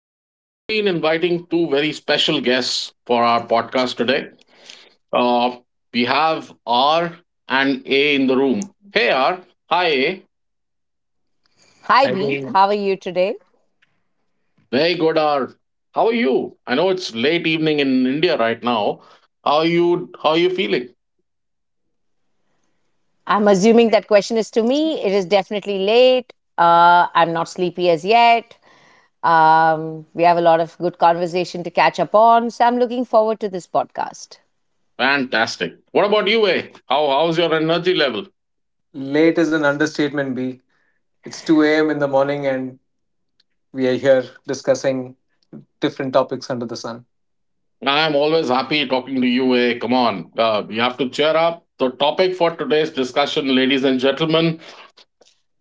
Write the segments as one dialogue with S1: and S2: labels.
S1: please join me in inviting two very special guests for our podcast today. Uh, we have R and A in the room. Hey R, hi A,
S2: Hi,
S3: I
S2: B.
S3: think
S2: How are you today?
S1: very good R. How are you? I know it's late evening in India right now. How are you? How are you feeling?
S2: I'm assuming that question is to me. It is definitely late. I'm not sleepy as yet. We have a lot of good conversation to catch up on. So I'm looking forward to this podcast.
S1: Fantastic. What about you, A? How's your energy level?
S3: late is an understatement, B. It's 2 a.m. in the morning and we are here discussing different topics under the sun.
S1: I'm always happy talking to you, A. Come on, you have to cheer up. The topic for today's discussion, ladies and gentlemen,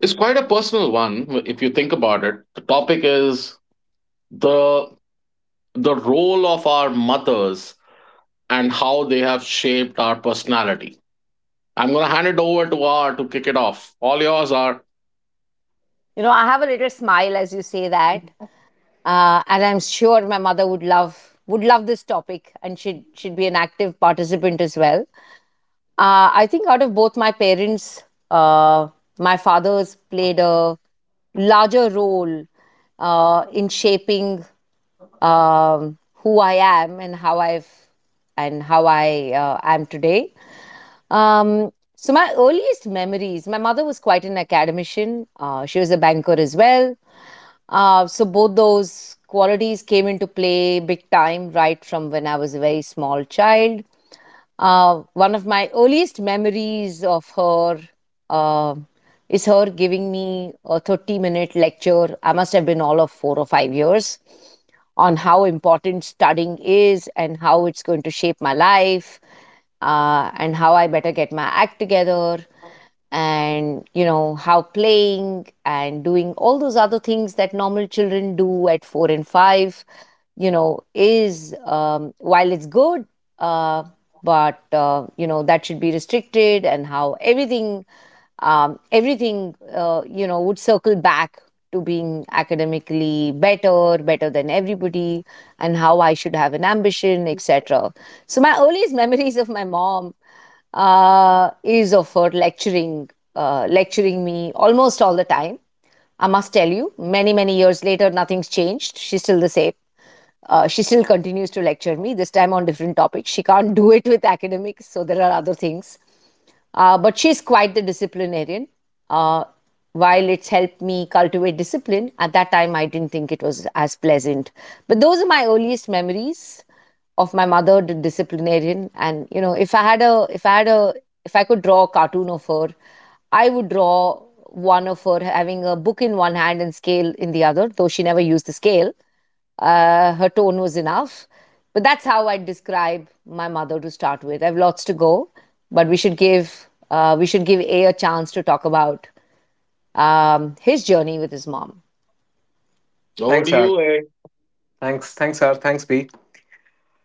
S1: it's quite a personal one if you think about it. The topic is the the role of our mothers and how they have shaped our personality. I'm gonna hand it over to R to kick it off. All yours, R.
S2: I have a little smile as you say that, and I'm sure my mother would love this topic, and she'd be an active participant as well. I think out of both my parents, uh, my father's played a larger role, in shaping, who I am and how I am today. So my earliest memories, my mother was quite an academician. She was a banker as well. So both those qualities came into play big time right from when I was a very small child. One of my earliest memories of her, uh, is her giving me a 30-minute lecture. I must have been all of 4 or 5 years, on how important studying is and how it's going to shape my life, and how I better get my act together, and you know how playing and doing all those other things that normal children do at 4 and 5, is, while it's good, uh, but that should be restricted, and how everything would circle back to being academically better than everybody, and how I should have an ambition, etc. So my earliest memories of my mom, is of her lecturing me almost all the time. I must tell you, many, many years later, nothing's changed. She's still the same. She still continues to lecture me, this time on different topics. She can't do it with academics, so there are other things. But she's quite the disciplinarian. Uh, while it's helped me cultivate discipline, at that time I didn't think it was as pleasant. But those are my earliest memories of my mother, the disciplinarian. And if I could draw a cartoon of her, I would draw one of her having a book in one hand and scale in the other, though she never used the scale. Her tone was enough. But that's how I describe my mother to start with. I've lots to go, but we should give A a chance to talk about, his journey with his mom.
S1: Over to
S3: Thanks, R.
S1: you, A.
S3: Thanks, R. Thanks, B.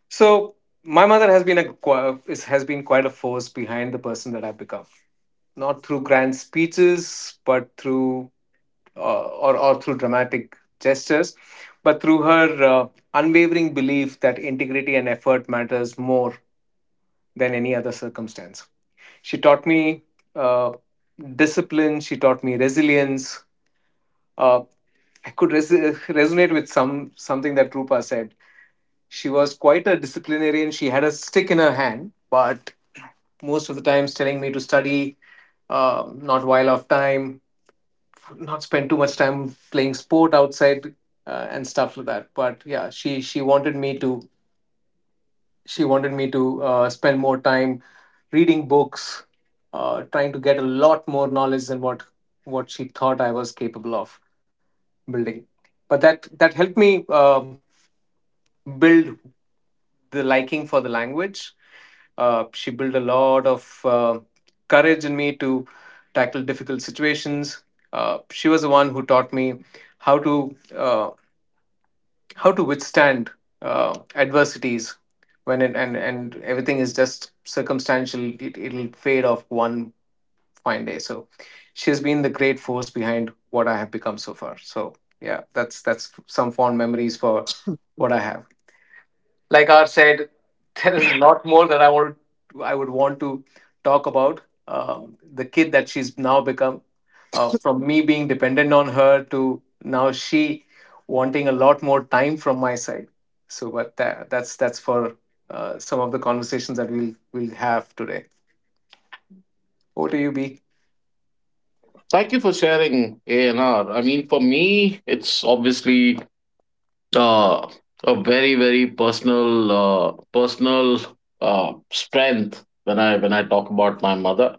S3: So, my mother has been quite a force behind the person that I've become. Not through grand speeches, but through uh, or through dramatic gestures, but through her unwavering belief that integrity and effort matters more than any other circumstance. She taught me uh, discipline. She taught me resilience. Uh, I could resonate with something that Rupa said. She was quite a disciplinarian. She had a stick in her hand, but most of the times telling me to study, not while off time, not spend too much time playing sport outside and stuff like that. But yeah, she wanted me to she wanted me to spend more time reading books, trying to get a lot more knowledge than what she thought I was capable of building. But that helped me build the liking for the language. She built a lot of courage in me to tackle difficult situations. She was the one who taught me how to uh, withstand adversities. When it and everything is just circumstantial. It'll fade off one fine day. So she's been the great force behind what I have become so far. So yeah, that's some fond memories for what I have. Like R said, there is a lot more that I would want to talk about. The kid that she's now become, from me being dependent on her to now she wanting a lot more time from my side. So, but that's for some of the conversations that we'll have today. Over to you, B.
S1: Thank you for sharing, A and R. I mean, for me, it's obviously uh, a very very personal strength when I talk about my mother.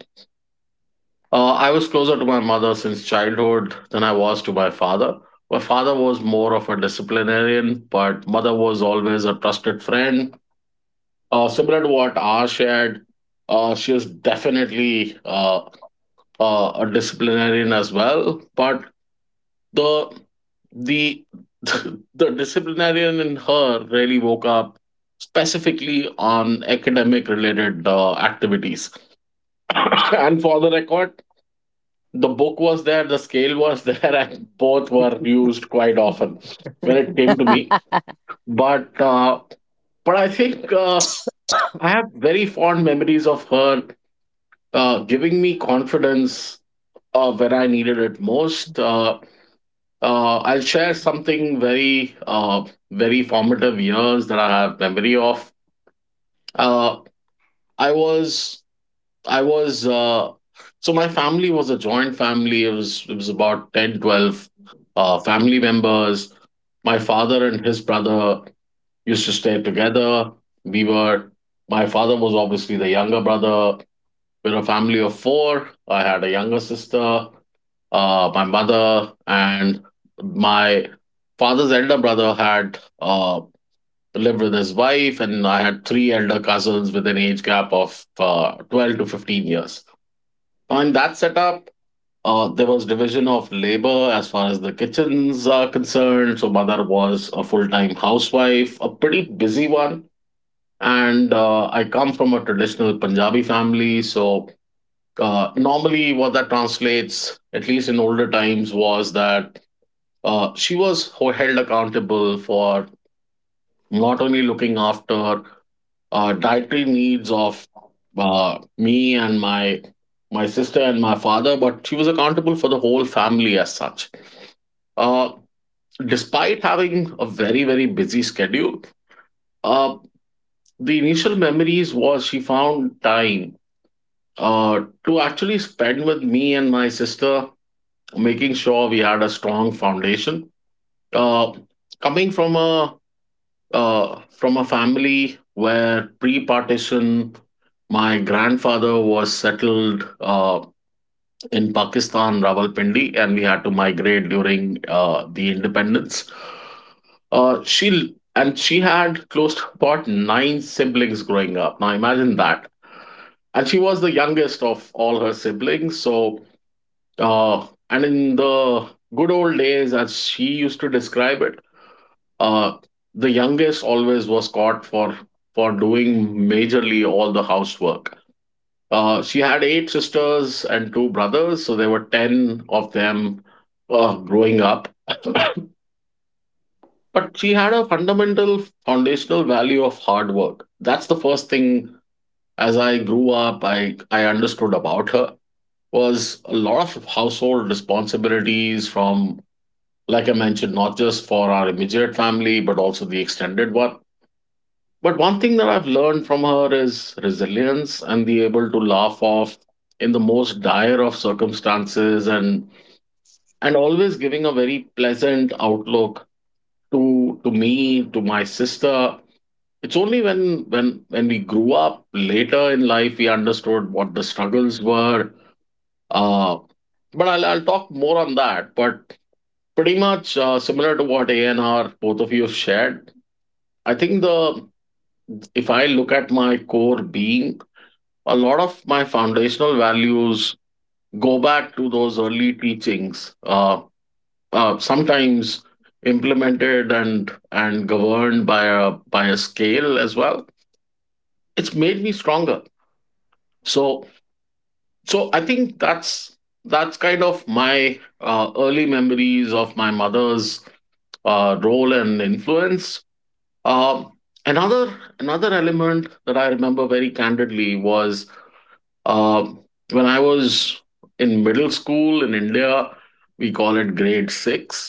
S1: I was closer to my mother since childhood than I was to my father. My father was more of a disciplinarian, but mother was always a trusted friend. Similar to what R shared, she was definitely a disciplinarian as well. But the the the disciplinarian in her really woke up specifically on academic related activities. And for the record, the book was there, the scale was there, and both were used quite often when it came to me. But uh, but I think I have very fond memories of her giving me confidence when I needed it most. I'll share something very formative years that I have memory of. Uh, I was I was so my family was a joint family. It was about 10 12 family members. My father and his brother used to stay together. We were My father was obviously the younger brother. We're a family of four. I had a younger sister, my mother, and my father's elder brother had lived with his wife, and I had three elder cousins with an age gap of 12 to 15 years. So in that setup, there was division of labor as far as the kitchens are concerned. So mother was a full-time housewife, a pretty busy one. And I come from a traditional Punjabi family, so normally what that translates, at least in older times, was that she was held accountable for not only looking after dietary needs of me and my sister and my father, but she was accountable for the whole family as such. Uh, Despite having a very very busy schedule, uh, the initial memories was she found time to actually spend with me and my sister, making sure we had a strong foundation. Uh, Coming from a family where pre-partition, my grandfather was settled in Pakistan, Rawalpindi, and we had to migrate during the independence. She had close to about nine siblings growing up. Now imagine that, and she was the youngest of all her siblings. So, and in the good old days, as she used to describe it, uh, the youngest always was caught for doing majorly all the housework. She had eight sisters and two brothers, so there were 10 of them, growing up. But she had a fundamental, foundational value of hard work. That's the first thing. As I grew up, I understood about her was a lot of household responsibilities from, like I mentioned, not just for our immediate family but also the extended one. But one thing that I've learned from her is resilience and the able to laugh off in the most dire of circumstances, and always giving a very pleasant outlook to me, to my sister. It's only when we grew up later in life we understood what the struggles were. Uh, but I'll talk more on that. But pretty much, similar to what A and R, both of you, have shared. I think the if I look at my core being, a lot of my foundational values go back to those early teachings, sometimes implemented and governed by a scale as well. It's made me stronger. So so i think that's kind of my early memories of my mother's role and influence. um, another another element that I remember very candidly was, Uh, when I was in middle school in India, we call it grade 6.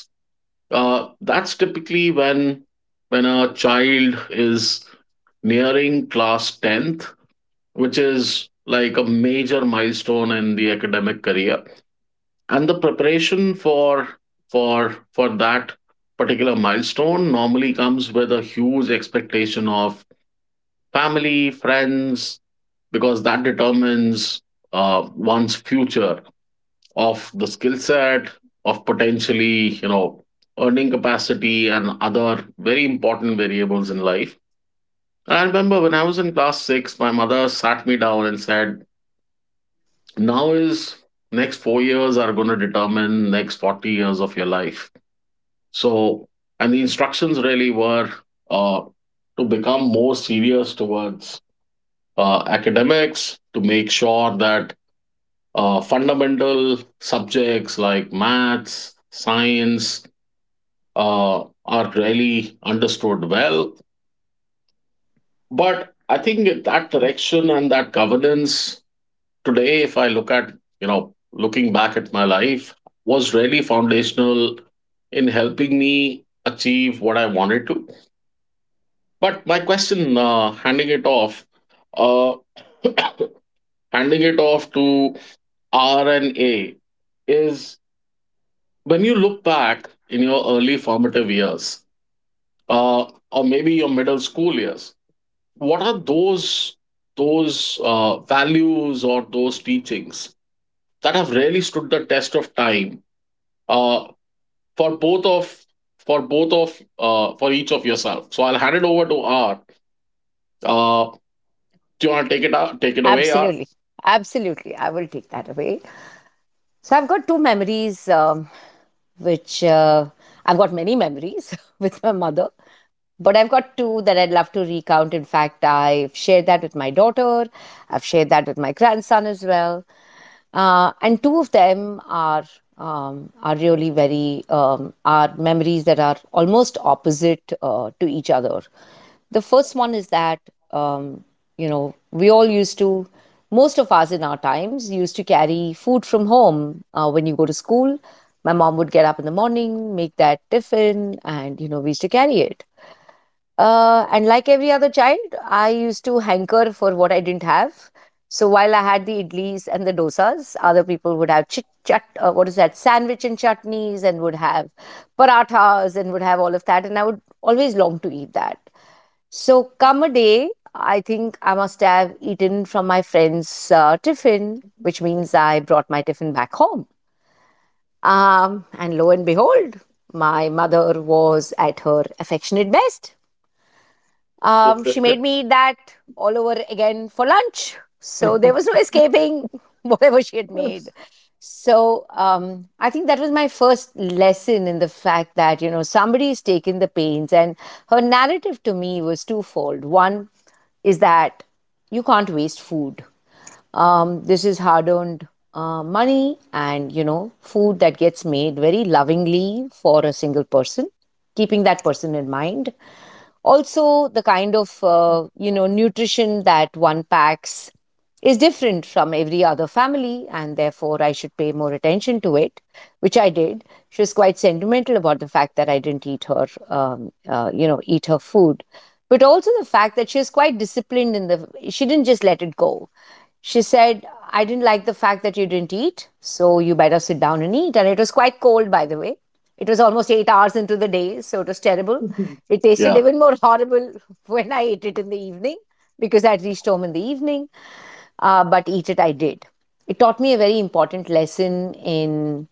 S1: That's typically when a child is nearing class tenth, which is like a major milestone in the academic career, and the preparation for that particular milestone normally comes with a huge expectation of family, friends, because that determines one's future, of the skill set, of potentially, earning capacity and other very important variables in life. And I remember when I was in class 6, my mother sat me down and said, now is next 4 years are going to determine next 40 years of your life. So, and the instructions really were uh, to become more serious towards academics, to make sure that fundamental subjects like maths, science are really understood well. But I think that direction and that governance today, if I look at, looking back at my life, was really foundational in helping me achieve what I wanted to. But my question, handing it off, uh, handing it off to R and A is, when you look back in your early formative years, uh, or maybe your middle school years, what are those values or those teachings that have really stood the test of time, uh, for both of for both of for each of yourself. So I'll hand it over to art. uh, do you want to take it away, art?
S2: Absolutely, absolutely. I will take that away. So I've got two memories, which, I've got many memories with my mother, but I've got two that I'd love to recount. In fact, I've shared that with my daughter, I've shared that with my grandson as well, and two of them are really very are memories that are almost opposite, to each other. The first one is that, um, you know we all used to most of us in our times used to carry food from home, when you go to school. My mom would get up in the morning, make that tiffin, and we used to carry it, and like every other child, I used to hanker for what I didn't have. So while I had the idlis and the dosas, other people would have chit chat, what is that, sandwich and chutneys, and would have parathas and would have all of that, and I would always long to eat that. So, come a day, I think I must have eaten from my friend's, tiffin, which means I brought my tiffin back home. And lo and behold, my mother was at her affectionate best. She made me eat that all over again for lunch. So there was no escaping whatever she had made. So I think that was my first lesson in the fact that somebody's taken the pains. And her narrative to me was twofold. One is that you can't waste food. This is hard earned, money and food that gets made very lovingly for a single person, keeping that person in mind. Also the kind of, nutrition that one packs, is different from every other family, and therefore I should pay more attention to it, which I did. She was quite sentimental about the fact that I didn't eat her food. But also the fact that she was quite disciplined in the she didn't just let it go. She said, I didn't like the fact that you didn't eat, so you better sit down and eat. And it was quite cold, by the way. It was almost 8 hours into the day, so it was terrible. It tasted
S1: Yeah,
S2: even more horrible when I ate it in the evening, because I'd reached home in the evening, but eat it I did. It taught me a very important lesson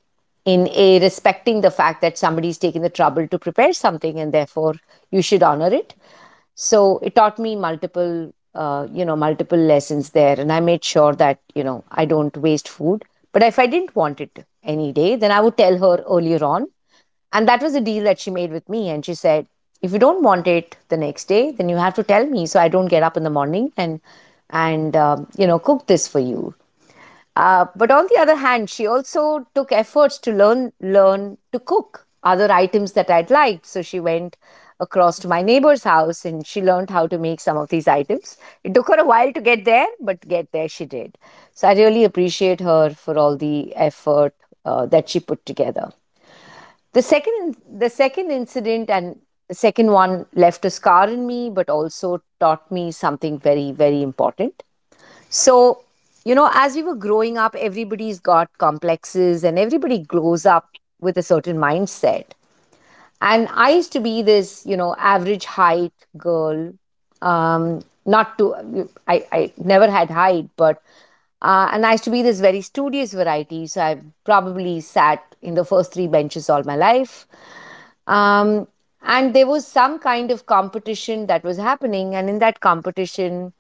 S2: in a respecting the fact that somebody's taken the trouble to prepare something, and therefore you should honor it. So it taught me multiple you know multiple lessons there, and I made sure that, I don't waste food. But if I didn't want it any day, then I would tell her earlier on, and that was a deal that she made with me. And she said, if you don't want it the next day, then you have to tell me, so I don't get up in the morning and and cook this for you. But on the other hand, she also took efforts to learn to cook other items that I'd liked. So she went across to my neighbor's house and she learned how to make some of these items. It took her a while to get there, but get there she did. So I really appreciate her for all the effort, that she put together. The second, incident, and the second one left a scar in me, but also taught me something very, very important. So, as we were growing up, everybody's got complexes and everybody grows up with a certain mindset. And I used to be this average height girl. Um, not to, I never had height, but, and I used to be this very studious variety. So I probably sat in the first three benches all my life. Um, and there was some kind of competition that was happening. And in that competition,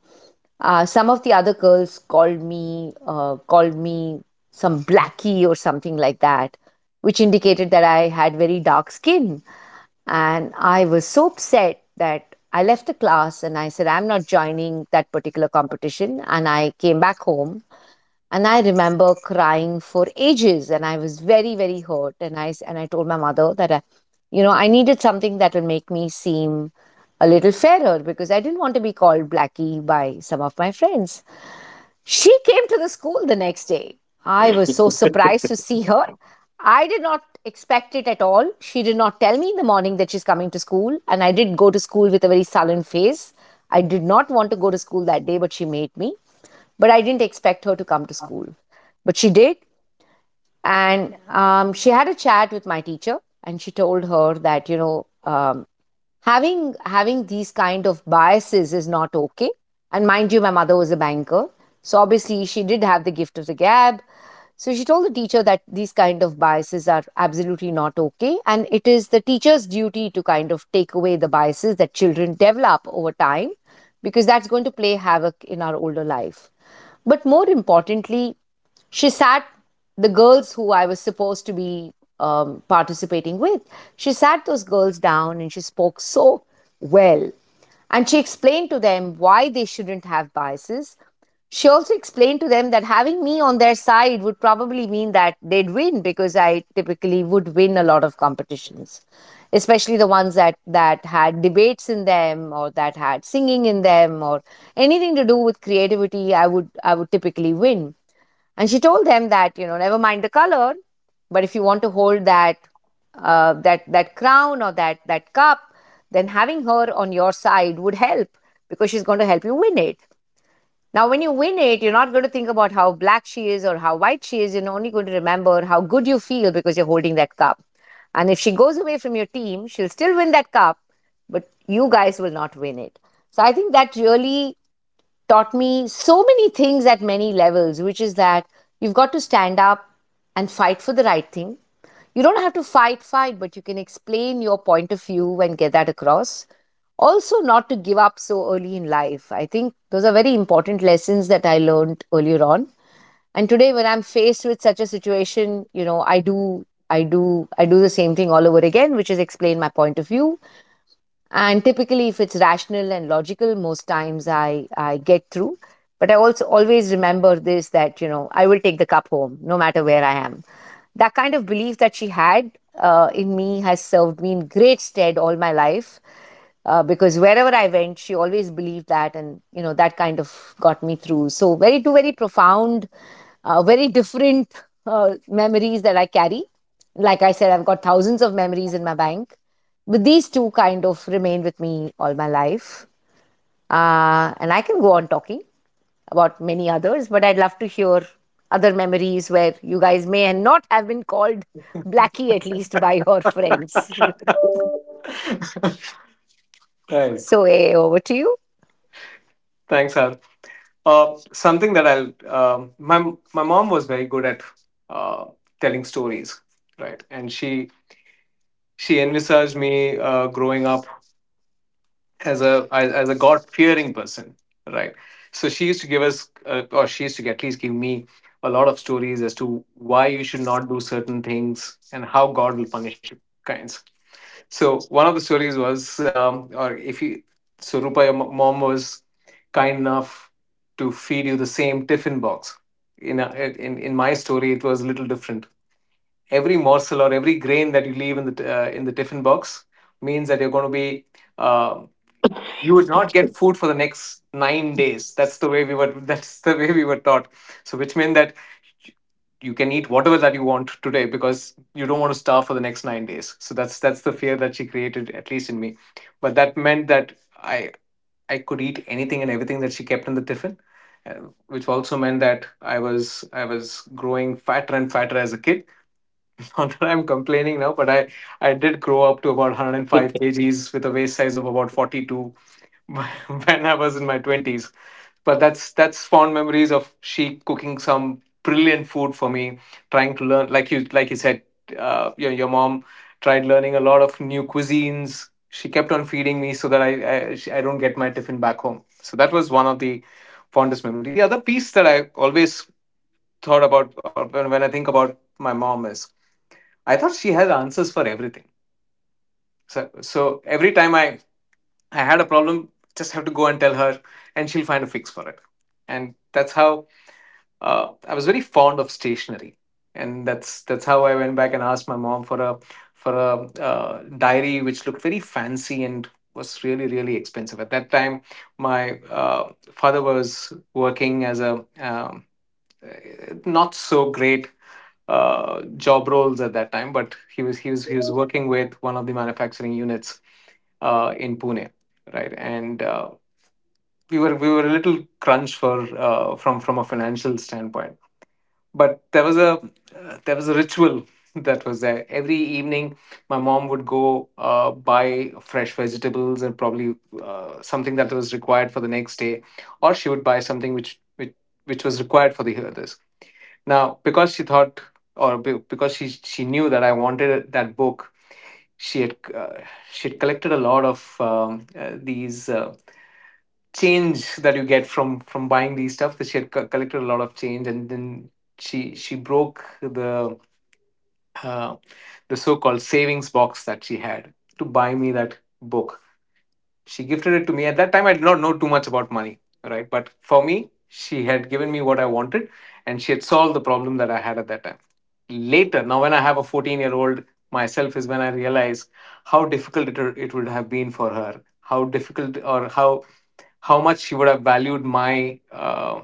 S2: some of the other girls called me some blackie or something like that, which indicated that I had very dark skin. And I was so upset that I left the class and I said, I'm not joining that particular competition. And I came back home, and I remember crying for ages, and I was very very hurt, and I told my mother that I you know I needed something that will make me seem a little fairer, because I didn't want to be called blackie by some of my friends. She came to the school the next day. I was so surprised to see her. I did not expect it at all. She did not tell me in the morning that she's coming to school, and I did go to school with a very sullen face. I did not want to go to school that day, but she made me. But I didn't expect her to come to school. But she did, and she had a chat with my teacher, and she told her that, having these kind of biases is not okay. And mind you, my mother was a banker, so obviously she did have the gift of the gab. So she told the teacher that these kind of biases are absolutely not okay, and it is the teacher's duty to kind of take away the biases that children develop over time, because that's going to play havoc in our older life. But more importantly, she sat the girls who I was supposed to be, participating with. She sat those girls down and she spoke so well. And she explained to them why they shouldn't have biases. She also explained to them that having me on their side would probably mean that they'd win, because I typically would win a lot of competitions, especially the ones that had debates in them, or that had singing in them, or anything to do with creativity, I would typically win. And she told them that, never mind the color, but if you want to hold that crown, or that cup, then having her on your side would help, because she's going to help you win it. Now, when you win it, you're not going to think about how black she is or how white she is. You're only going to remember how good you feel because you're holding that cup. And if she goes away from your team, she'll still win that cup, but you guys will not win it. So I think that really taught me so many things at many levels, which is that you've got to stand up and fight for the right thing. You don't have to fight, fight, but you can explain your point of view and get that across. Also, not to give up so early in life. I think those are very important lessons that I learned earlier on. And today, when I'm faced with such a situation, you know, I do the same thing all over again, which is explain my point of view, and typically if it's rational and logical most times I get through. But I also always remember this, that I will take the cup home no matter where I am. That kind of belief that she had in me has served me in great stead all my life, because wherever I went she always believed that, and that kind of got me through. So, very two very profound, very different memories that I carry. Like I said, I've got thousands of memories in my bank, but these two kind of remain with me all my life. And I can go on talking about many others, but I'd love to hear other memories where you guys may not have been called Blackie, at least by your friends.
S3: Right.
S2: So, over to you.
S3: Thanks, Har. Something that I'll my my mom was very good at, uh, telling stories, right? And she envisaged me growing up as a as as a God fearing person, right? So she used to give us, or she used to at least give me a lot of stories as to why you should not do certain things and how God will punish you, kinds. So one of the stories was. Um, or if you, so Rupa, your mom was kind enough to feed you the same tiffin box. In a, in in my story, it was a little different. Every morsel or every grain that you leave in in the tiffin box means that you're going to be, uh, you would not get food for the next 9 days. That's the way we were. That's the way we were taught. So, which meant that you can eat whatever that you want today because you don't want to starve for the next 9 days. So that's the fear that she created, at least in me. But that meant that I could eat anything and everything that she kept in the tiffin, uh, which also meant that I was growing fatter and fatter as a kid. Not that I'm complaining now, but I did grow up to about 105 kgs with a waist size of about 42 when I was in my twenties. But that's fond memories of she cooking some brilliant food for me, trying to learn. Like you said, your mom tried learning a lot of new cuisines. She kept on feeding me so that I don't get my tiffin back home. So that was one of the fondest memory. The other piece that I always thought about, when I think about my mom, is I thought she had answers for everything. So every time I had a problem, just have to go and tell her, and she'll find a fix for it. And that's how, I was very fond of stationery, and that's how I went back and asked my mom for a diary which looked very fancy and was really really expensive at that time. My father was working as a not so great job roles at that time, but he was working with one of the manufacturing units in Pune, right? And we were a little crunched for from a financial standpoint, but there was a ritual that was there every evening. My mom would go, buy fresh vegetables and probably something that was required for the next day, or she would buy something which was required for the now, because she thought, or be- because she knew that I wanted that book. she had uh, she had collected a lot of, these, change that you get from buying these stuff. That she had collected a lot of change, and then she broke uh, the so called savings box that she had to buy me that book. She gifted it to me. At that time I did not know too much about money, right? But for me, she had given me what I wanted, and she had solved the problem that I had at that time. Later, now when I have a 14-year-old myself, is when I realize how difficult it would have been for her, how difficult, or how much she would have valued my,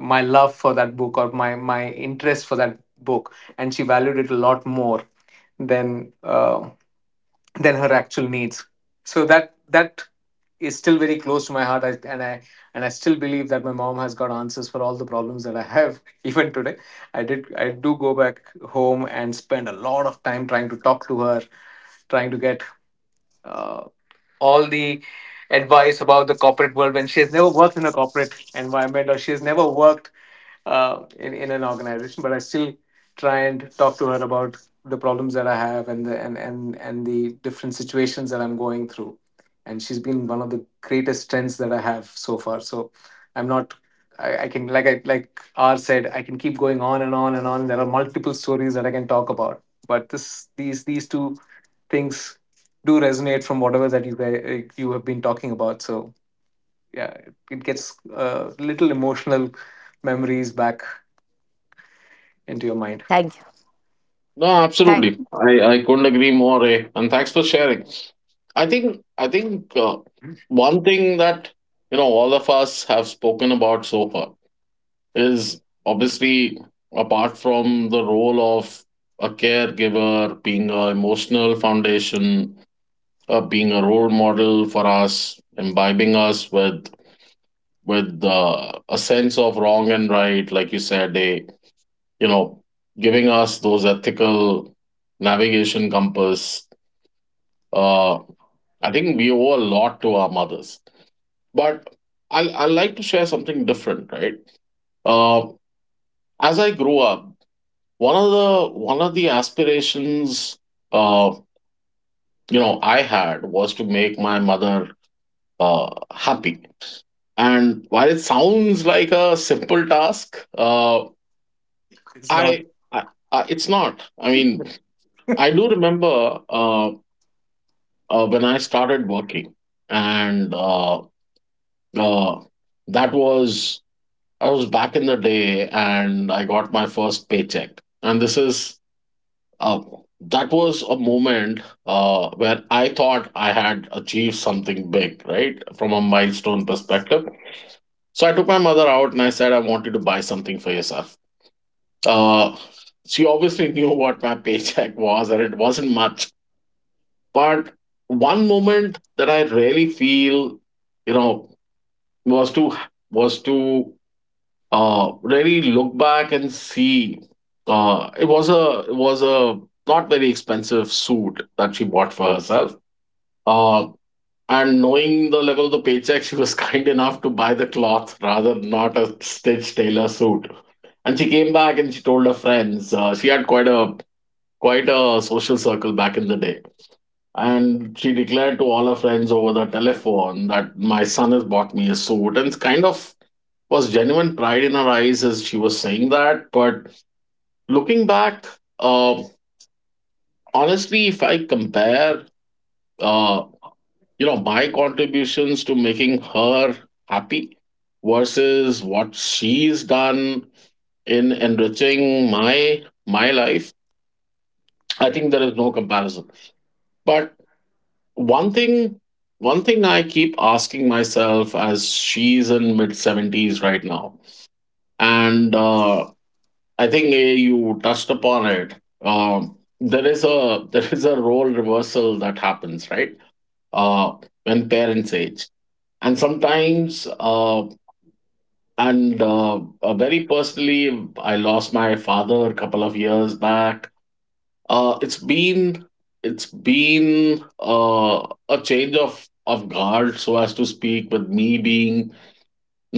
S3: love for that book, or my interest for that book. And she valued it a lot more than uh, than her actual needs. So that is still very close to my heart. I, and I and I still believe that my mom has got answers for all the problems that I have, even today. I do go back home and spend a lot of time trying to talk to her, trying to get, uh, all the advice about the corporate world, when she has never worked in a corporate environment, or she has never worked in an organization, but I still try and talk to her about the problems that I have, and the different situations that I'm going through. And she's been one of the greatest strengths that I have so far. So I'm not. I can like I like R said, I can keep going on and on and on. There are multiple stories that I can talk about, but this these two things do resonate from whatever that you have been talking about. So yeah, it gets, little emotional memories back into your mind.
S2: Thank you.
S1: no,
S2: Thank.
S1: absolutely. I couldn't agree more, eh? And thanks for sharing. I think one thing that all of us have spoken about so far is, obviously, apart from the role of a caregiver, being an emotional foundation, being a role model for us, imbibing us with a sense of wrong and right, like you said, eh? you know, giving us those ethical navigation compass. Uh, I think we owe a lot to our mothers. But I like to share something different, right? Uh, as I grew up, one of the aspirations, uh, I had was to make my mother happy. And while it sounds like a simple task,
S3: It's not.
S1: I, I, I it's not. I mean, I do remember. When I started working, and uh, that was I was back in the day, and I got my first paycheck, and this is uh, that was a moment where I thought I had achieved something big, right, from a milestone perspective. So I took my mother out, and I said, "I want you to buy something for yourself." Uh, she obviously knew what my paycheck was, and it wasn't much. But one moment that I really feel, you know, was to was to really look back and see. It was a not very expensive suit that she bought for herself. Uh, and knowing the level of the paycheck, she was kind enough to buy the cloth, rather not a stitched tailor suit. And she came back and she told her friends. She had quite a social circle back in the day, and she declared to all her friends over the telephone that my son has bought me a suit, and kind of was genuine pride in her eyes as she was saying that. But looking back, uh, honestly, if I compare, uh, my contributions to making her happy versus what she's done in enriching my life, I think there is no comparison. But one thing one thing I keep asking myself, as she's in mid 70s right now, and I think, eh, you touched upon it. There is a there is a role reversal that happens, right? uh, when parents age, and sometimes and very personally, I lost my father a couple of years back. Uh, it's been it's been a change of guard, so as to speak, with me being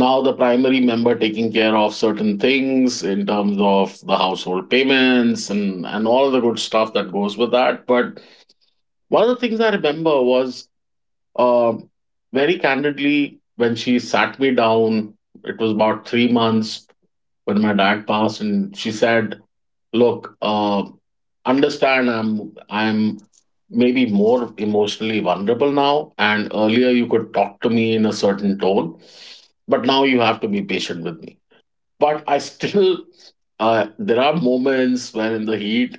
S1: now the primary member taking care of certain things in terms of the household payments and all the good stuff that goes with that. But one of the things I remember was, uh, very candidly, when she sat me down. It was about 3 months when my dad passed, and she said, look, understand, I'm maybe more emotionally vulnerable now, and earlier you could talk to me in a certain tone, but now you have to be patient with me. But I still, there are moments when, in the heat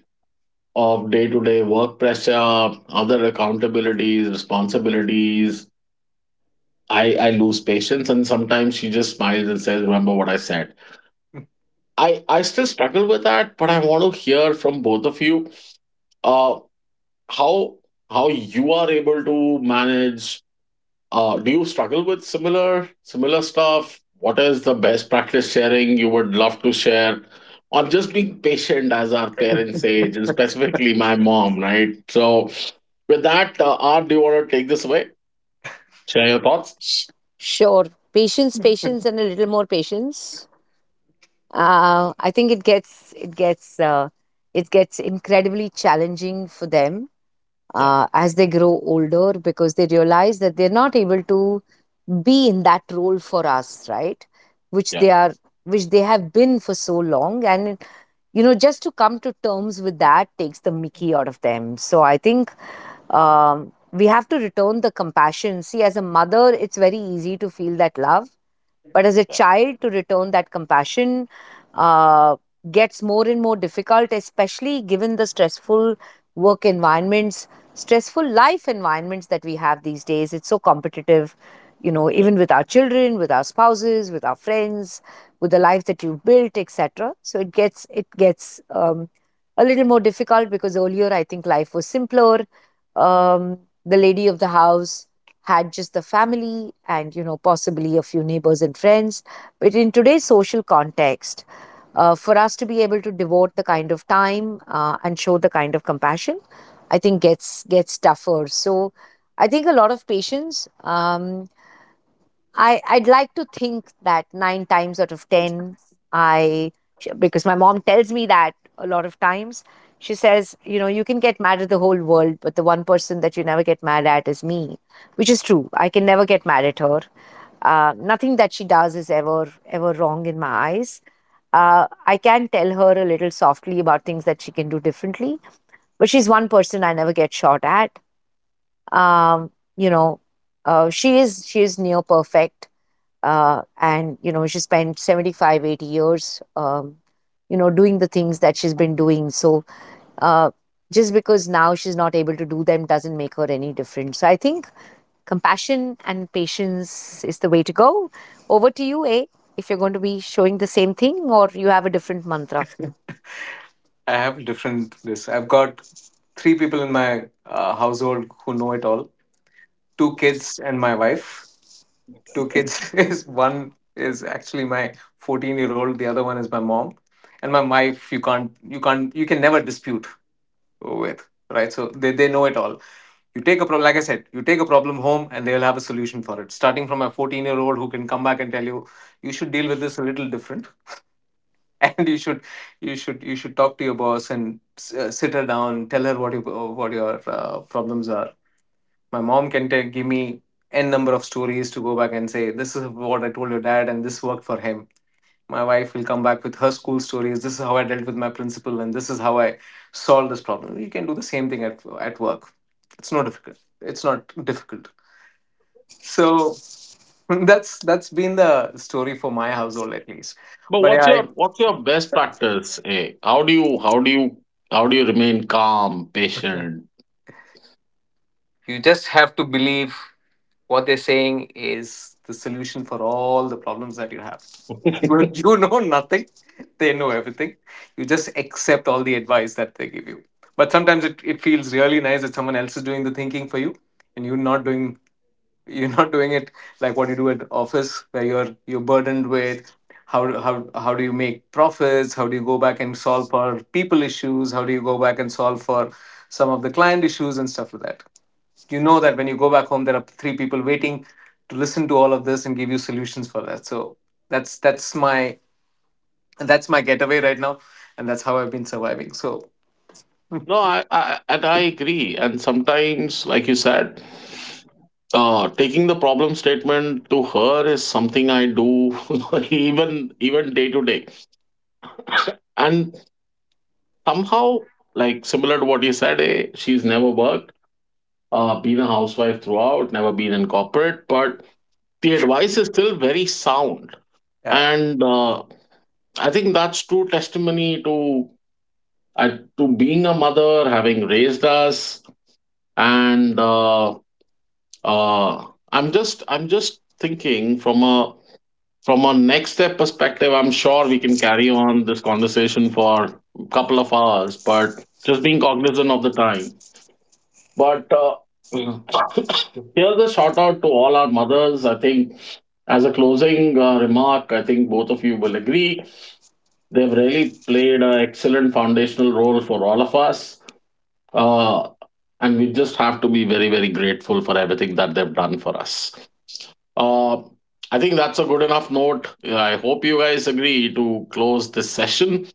S1: of day-to-day work pressure, other accountabilities, responsibilities, I lose patience, and sometimes she just smiles and says, remember what I said. I still struggle with that, but I want to hear from both of you, uh, how how you are able to manage. Do you struggle with similar stuff? What is the best practice sharing you would love to share? Or just being patient as our parents age, and specifically my mom, right? So, with that, art, do you want to take this away, share your thoughts?
S2: Sh- sure. Patience, patience, and a little more patience. I think it gets uh, it gets incredibly challenging for them,
S1: Yeah,
S2: as they grow older because they realize that they're not able to be in that role for us, right, which
S1: yeah,
S2: they are which they have been for so long. And just to come to terms with that takes the mickey out of them. So I think we have to return the compassion. See, as a mother it's very easy to feel that love, but as a
S1: yeah.
S2: child, to return that compassion uh, gets more and more difficult, especially given the stressful work environments, stressful life environments that we have these days. It's so competitive, even
S1: Correct.
S2: with our children, with our spouses, with our friends, with the life that you've built, etc. So it gets a little more difficult because earlier I think life was simpler. Um, the lady of the house had just the family and possibly a few neighbors and friends, but in today's social context, for us to be able to devote the kind of time and show the kind of compassion, I think gets tougher. So I think a lot of patience. I'd like to think that nine times out of ten, I because my mom tells me that a lot of times. She says, you can get mad at the whole world, but the one person that you never get mad at is me, which is true. I can never get mad at her. Nothing that she does is ever ever wrong in my eyes. I can tell her a little softly about things that she can do differently, but she's one person I never get shot at. Um, you know, she is near perfect, and she spent 75, 80 years, doing the things that she's been doing. So uh, just because now she's not able to do them doesn't make her any different. So I think compassion and patience is the way to go. Over to you, A, if you're going to be showing the same thing or you have a different mantra.
S3: I have different this. I've got three people in my, household who know it all. Two kids and my wife. Two kids is, one is actually my 14-year-old. The other one is my mom. And my wife, you can never dispute with, right? So they know it all. You take a problem, like I said, you take a problem home and they'll have a solution for it. Starting from a 14-year-old who can come back and tell you, you should deal with this a little different. And you should talk to your boss and, sit her down, tell her what your, problems are. My mom can give me n number of stories to go back and say, this is what I told your dad and this worked for him. My wife will come back with her school stories. This is how I dealt with my principal, and this is how I solved this problem. You can do the same thing at work. It's not difficult. It's not difficult. So that's been the story for my household at least.
S1: But
S3: But yeah,
S1: what's your what's your best practice, eh? How do you how do you how do you remain calm, patient?
S3: you just have to believe what they're saying is the solution for all the problems that you have. You know nothing. They know everything. You just accept all the advice that they give you. But sometimes it feels really nice that someone else is doing the thinking for you, and you're not doing it, like what you do at office, where you're burdened with how how do you make profits, how do you go back and solve for people issues, how do you go back and solve for some of the client issues and stuff like that. You know that when you go back home there are three people waiting to listen to all of this and give you solutions for that. So that's that's my that's my getaway right now. And that's how I've been surviving. So,
S1: No, I and I agree. And sometimes, like you said, taking the problem statement to her is something I do, even day to day. And somehow, like similar to what you said, eh, she's never worked, been a housewife throughout, never been in corporate, but the advice is still very sound.
S3: yeah.
S1: And I think that's true testimony to I to being a mother, having raised us, and. Uh I'm just thinking from a next step perspective. I'm sure we can carry on this conversation for a couple of hours, but just being cognizant of the time. But here's a shout out to all our mothers. I think, as a closing remark, I think both of you will agree, they've really played an excellent foundational role for all of us. uh, and we just have to be very very grateful for everything that they've done for us. uh, I think that's a good enough note. Yeah, I hope you guys agree to close this session.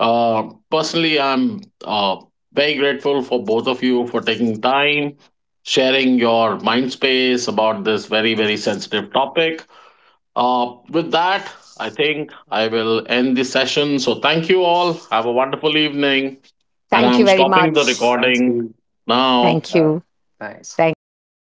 S1: Personally, I'm very grateful for both of you for taking time, sharing your mind space about this very, very sensitive topic. With that, I think I will end the session. So, thank you all. Have a wonderful evening. And
S2: Thank you
S1: I'm
S2: very
S1: stopping the
S2: much.
S3: Thanks,
S1: recording
S3: Steve.
S1: now.
S2: Thank
S3: Uh,
S2: you.
S3: Thanks.
S2: Thank you